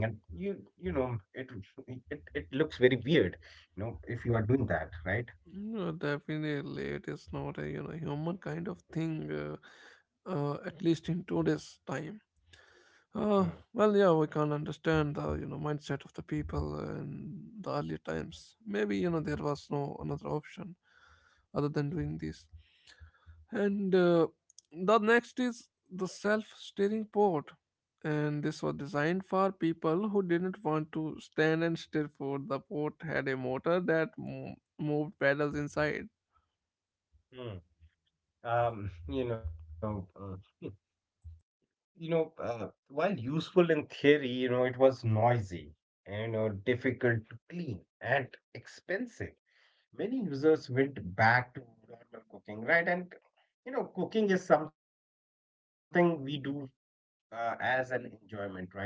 Speaker 2: it looks very weird, if you are doing that, right?
Speaker 1: No, definitely, it is not a human kind of thing, at least in today's time.
Speaker 2: Hmm.
Speaker 1: Uh, well, yeah, we can understand the mindset of the people in the earlier times. Maybe there was no another option other than doing this. And The next is the self-steering port, and this was designed for people who didn't want to stand and steer forward. The port had a motor that moved pedals inside.
Speaker 2: Hmm. Um, you know, uh, while useful in theory, it was noisy, difficult to clean and expensive. Many users went back to normal cooking, right? And cooking is something we do as an enjoyment, right? Uh,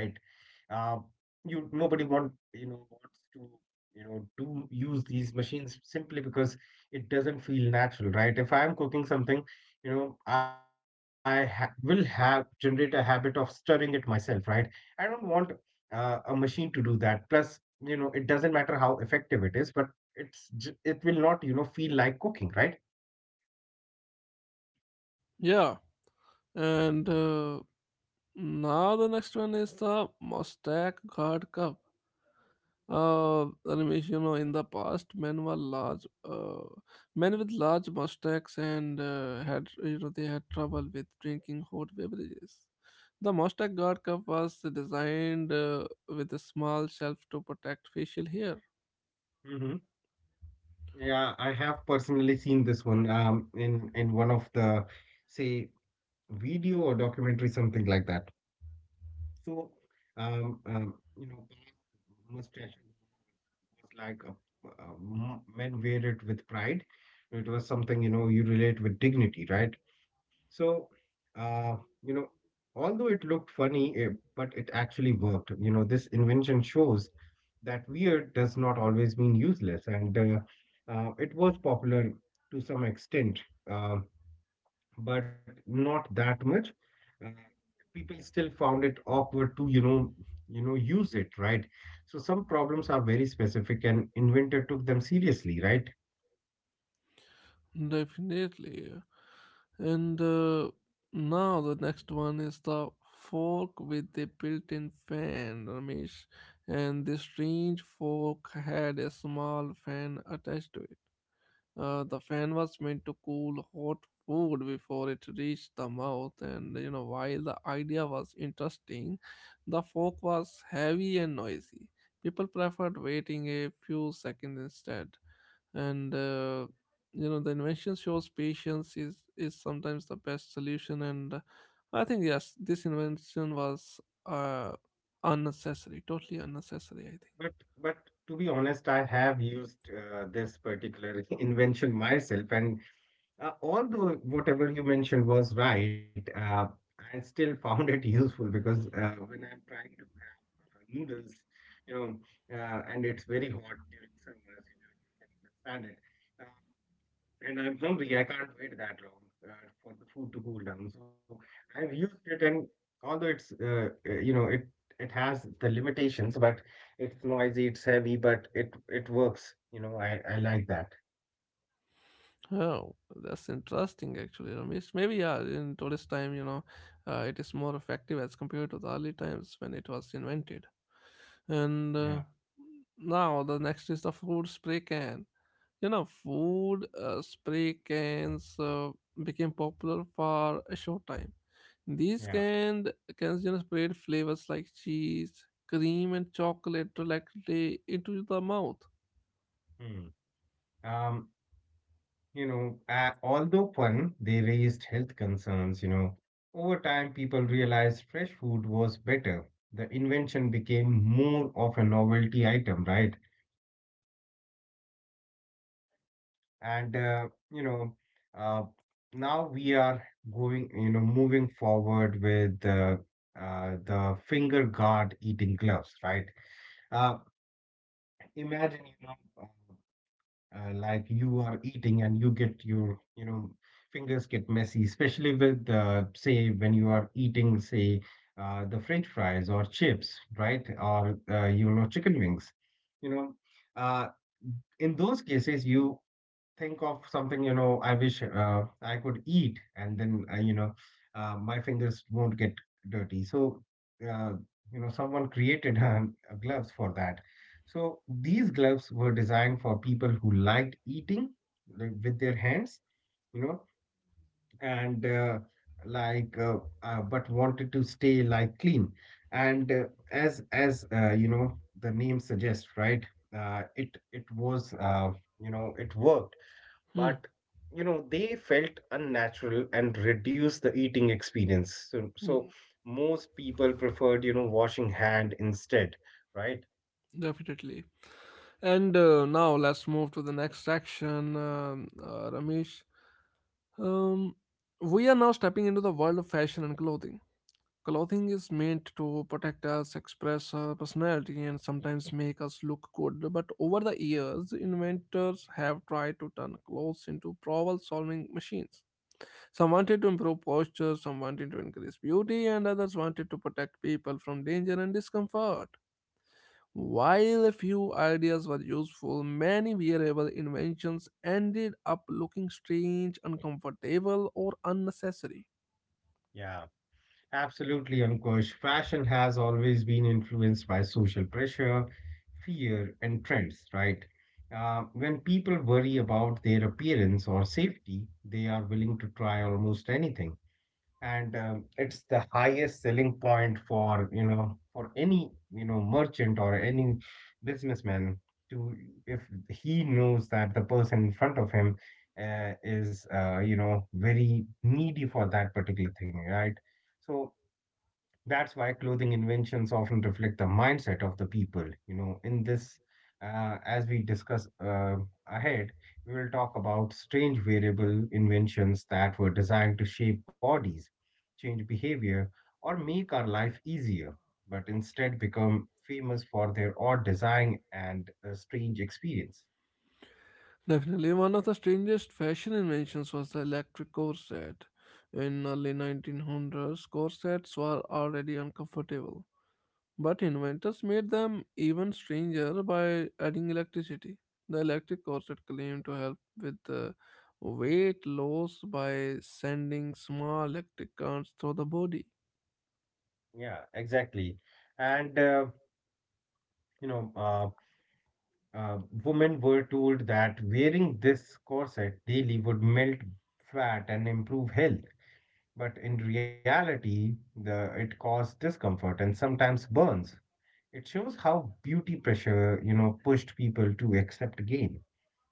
Speaker 2: you nobody wants to you know do use these machines, simply because it doesn't feel natural, right? If I am cooking something, I ha will have generate a habit of stirring it myself, right? I don't want a machine to do that. Plus, it doesn't matter how effective it is, but it will not feel like cooking, right?
Speaker 1: Yeah, and. Now the next one is the Mostak Guard Cup. Ramesh, you know, in the past, men with large mustaches and had, you know, they had trouble with drinking hot beverages. The Mostak Guard Cup was designed with a small shelf to protect facial hair.
Speaker 2: Hmm. Yeah, I have personally seen this one in one of the, say, video or documentary, something like that. So, um, um, you know, mustache was like men wear it with pride. It was something, you relate with dignity, right? So, uh, you know, although it looked funny, but it actually worked. This invention shows that weird does not always mean useless, and it was popular to some extent. Um but not that much. Uh, People still found it awkward to, use it, right? So some problems are very specific, and inventor took them seriously, right?
Speaker 1: Definitely. And Now the next one is the fork with a built-in fan, Ramesh. And this strange fork had a small fan attached to it. The fan was meant to cool hot food before it reached the mouth. And you know, while the idea was interesting, the fork was heavy and noisy. People preferred waiting a few seconds instead, and you know the invention shows patience is sometimes the best solution. And I think yes, this invention was uh unnecessary, totally unnecessary, I
Speaker 2: But
Speaker 1: think.
Speaker 2: but to be honest, I have used this particular invention myself, and although whatever you mentioned was right, I still found it useful because when I'm trying to have noodles, you know, and it's very hot during summers, you can understand it. Um and I'm hungry, I can't wait that long for the food to cool down. So I've used it, and although it's, it has the limitations, but it's noisy, it's heavy, but it works. I like that.
Speaker 1: Oh, that's interesting actually, Ramesh. Maybe yeah, in today's time, you know, it is more effective as compared to the early times when it was invented. And
Speaker 2: Yeah,
Speaker 1: Now the next is the food spray can. You know, food spray cans became popular for a short time. These
Speaker 2: yeah.
Speaker 1: canned cans you know, sprayed flavors like cheese, cream, and chocolate directly into the mouth.
Speaker 2: Hmm. Um, Although fun, they raised health concerns. Over time, people realized fresh food was better. The invention became more of a novelty item, right? And, uh, now we are moving forward with the finger guard eating gloves, right? Uh, Imagine, uh, like you are eating and you get your fingers get messy, especially with say, when you are eating, say, the french fries or chips, right? Or chicken wings. you know uh, in those cases you think of something, I wish I could eat, and then my fingers won't get dirty. So, uh, someone created gloves for that. So these gloves were designed for people who liked eating, like, with their hands, you know, and like but wanted to stay like clean. And as the name suggests, right? It was it worked
Speaker 1: Hmm.
Speaker 2: but they felt unnatural and reduced the eating experience, so
Speaker 1: Mm.
Speaker 2: most people preferred washing hand instead, right.
Speaker 1: Definitely. And now let's move to the next section, Ramesh. Um, we are now stepping into the world of fashion and clothing. Clothing is meant to protect us, express our personality, and sometimes make us look good. But over the years, inventors have tried to turn clothes into problem solving machines. Some wanted to improve posture, some wanted to increase beauty, and others wanted to protect people from danger and discomfort. While a few ideas were useful, many wearable inventions ended up looking strange, uncomfortable, or unnecessary.
Speaker 2: Yeah, absolutely, Ankush. Fashion has always been influenced by social pressure, fear and trends, right? When people worry about their appearance or safety, they are willing to try almost anything. And it's the highest selling point for for any merchant or any businessman to, if he knows that the person in front of him is very needy for that particular thing, right? So that's why clothing inventions often reflect the mindset of the people. You know, in this, as we discuss ahead, we will talk about strange variable inventions that were designed to shape bodies, change behavior, or make our life easier, but instead become famous for their odd design and strange experience.
Speaker 1: Definitely, one of the strangest fashion inventions was the electric corset. In early 1900s, corsets were already uncomfortable, but inventors made them even stranger by adding electricity. The electric corset claimed to help with the weight loss by sending small electric currents through the body.
Speaker 2: Yeah, exactly. And, uh, you know, uh, Uh, Women were told that wearing this corset daily would melt fat and improve health, but in reality, the it caused discomfort and sometimes burns. It shows how beauty pressure, you know, pushed people to accept gain,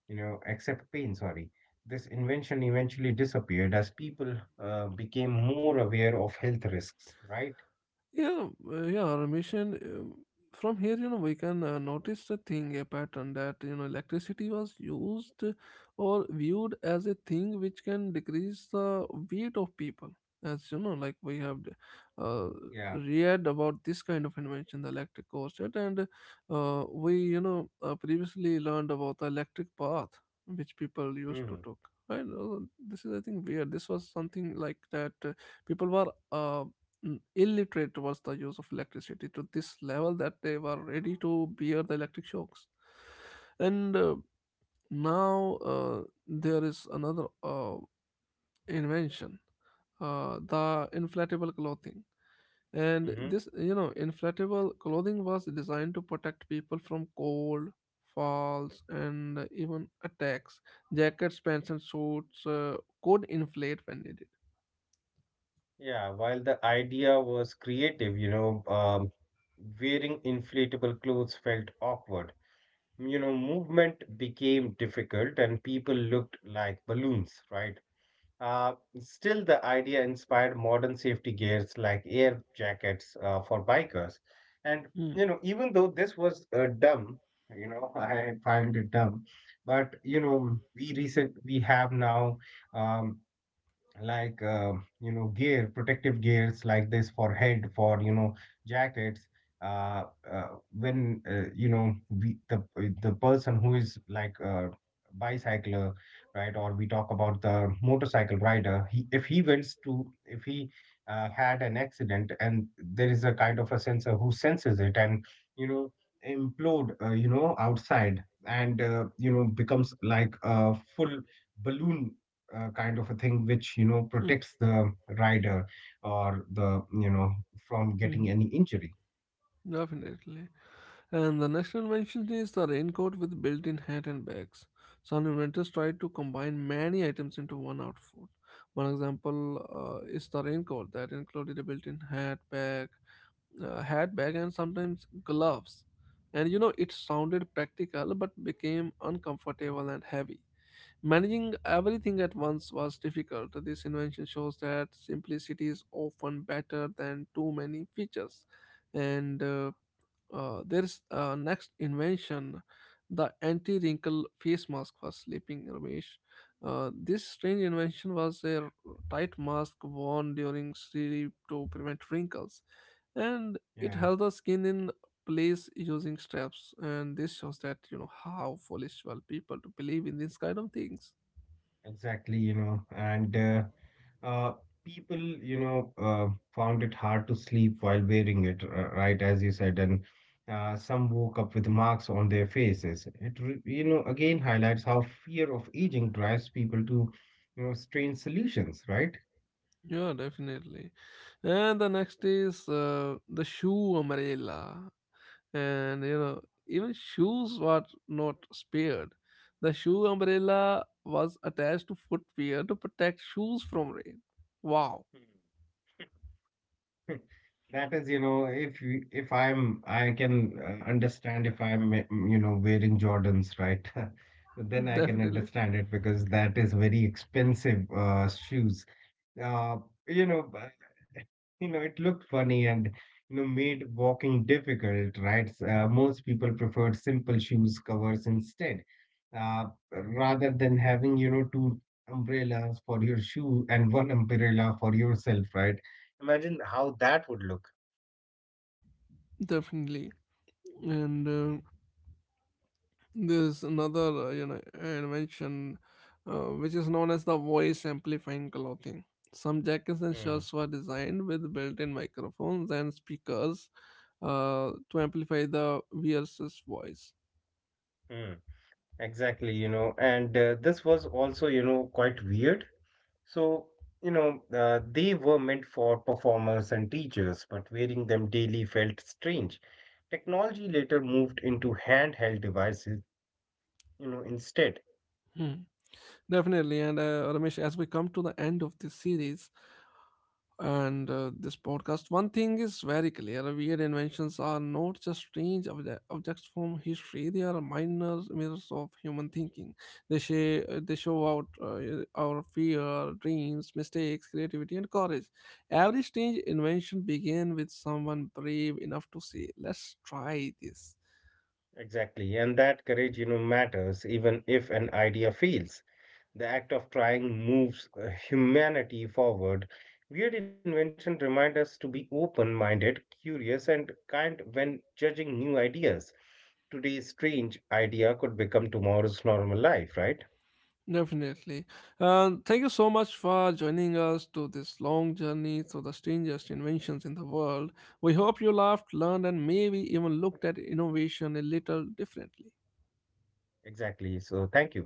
Speaker 2: you know, accept pain. Sorry, this invention eventually disappeared as people became more aware of health risks, right?
Speaker 1: Yeah, yeah, Ramesh, and from here, you know, we can notice a thing, a pattern that, you know, electricity was used or viewed as a thing which can decrease the weight of people. As you know, like we have uh,
Speaker 2: Yeah.
Speaker 1: read about this kind of invention, the electric corset, and we, you know, previously learned about the electric path which people used
Speaker 2: Hmm.
Speaker 1: to took. Right? This is, I think, weird. This was something like that. People were illiterate was the use of electricity to this level that they were ready to bear the electric shocks. And now there is another invention, the inflatable clothing. And
Speaker 2: Hmm.
Speaker 1: this, you know, inflatable clothing was designed to protect people from cold, falls, and even attacks. Jackets, pants, and suits could inflate when needed.
Speaker 2: Yeah, while the idea was creative, wearing inflatable clothes felt awkward. You know, movement became difficult and people looked like balloons, right? Uh, Still, the idea inspired modern safety gears like air jackets for bikers. And,
Speaker 1: Hmm.
Speaker 2: you know, even though this was dumb, you know, I find it dumb, but, you know, we have now. Um, like you know, gear, protective gears like this for head, for you know jackets, uh, when you know, we, the person who is like a bicycler, right? Or we talk about the motorcycle rider, he, if he wants to, if he had an accident and there is a kind of a sensor who senses it and you know, implode you know outside and you know becomes like a full balloon, kind of a thing which you know
Speaker 1: Hmm.
Speaker 2: protects the rider or the you know, from getting
Speaker 1: Hmm.
Speaker 2: any injury.
Speaker 1: Definitely. And the next invention is the raincoat with built-in hat and bags. Some inventors tried to combine many items into one outfit. One example is the raincoat that included a built-in hat bag, and sometimes gloves. And you know, it sounded practical but became uncomfortable and heavy. Managing everything at once was difficult. This invention shows that simplicity is often better than too many features. And there's next invention, the anti-wrinkle face mask for sleeping, Ramesh. This strange invention was a tight mask worn during sleep to prevent wrinkles, and it
Speaker 2: Yeah,
Speaker 1: held the skin in place using straps. And this shows that you know how foolish were people to believe in these kind of things.
Speaker 2: exactly, you know. And uh, people found it hard to sleep while wearing it, right, as you said, and some woke up with marks on their faces. You know, again highlights how fear of aging drives people to, you know, strange solutions, right?
Speaker 1: Yeah, definitely. And the next is the shoe umbrella. And you know even shoes were not spared. The shoe umbrella was attached to footwear to protect shoes from rain. Wow.
Speaker 2: That is, you know, if I'm, I can understand if I'm, you know, wearing Jordans, right? Then I can
Speaker 1: Definitely,
Speaker 2: understand it because that is very expensive shoes. Uh, you know, but, you know, it looked funny and you know made walking difficult, right? Most people preferred simple shoes covers instead, uh, rather than having you know two umbrellas for your shoe and one umbrella for yourself, right? Imagine how that would look.
Speaker 1: definitely. And there's another invention which is known as the voice amplifying clothing. Some jackets and
Speaker 2: Hmm.
Speaker 1: shirts were designed with built-in microphones and speakers to amplify the wearer's voice.
Speaker 2: Hmm. Exactly, you know, and this was also, you know, quite weird. So, you know, they were meant for performers and teachers, but wearing them daily felt strange. Technology later moved into handheld devices, you know, instead.
Speaker 1: Hmm. Definitely. And Ramesh, as we come to the end of this series and this podcast, one thing is very clear: weird inventions are not just strange objects from history, they are minor mirrors of human thinking. They, they show out our fear, dreams, mistakes, creativity, and courage. Every strange invention began with someone brave enough to say, Let's try this.
Speaker 2: Exactly. And that courage, you know, matters even if an idea fails. The act of trying moves humanity forward. Weird invention remind us to be open-minded, curious, and kind when judging new ideas. Today's strange idea could become tomorrow's normal life, right?
Speaker 1: Definitely. And thank you so much for joining us to this long journey through the strangest inventions in the world. We hope you laughed, learned, and maybe even looked at innovation a little differently.
Speaker 2: Exactly. So thank you.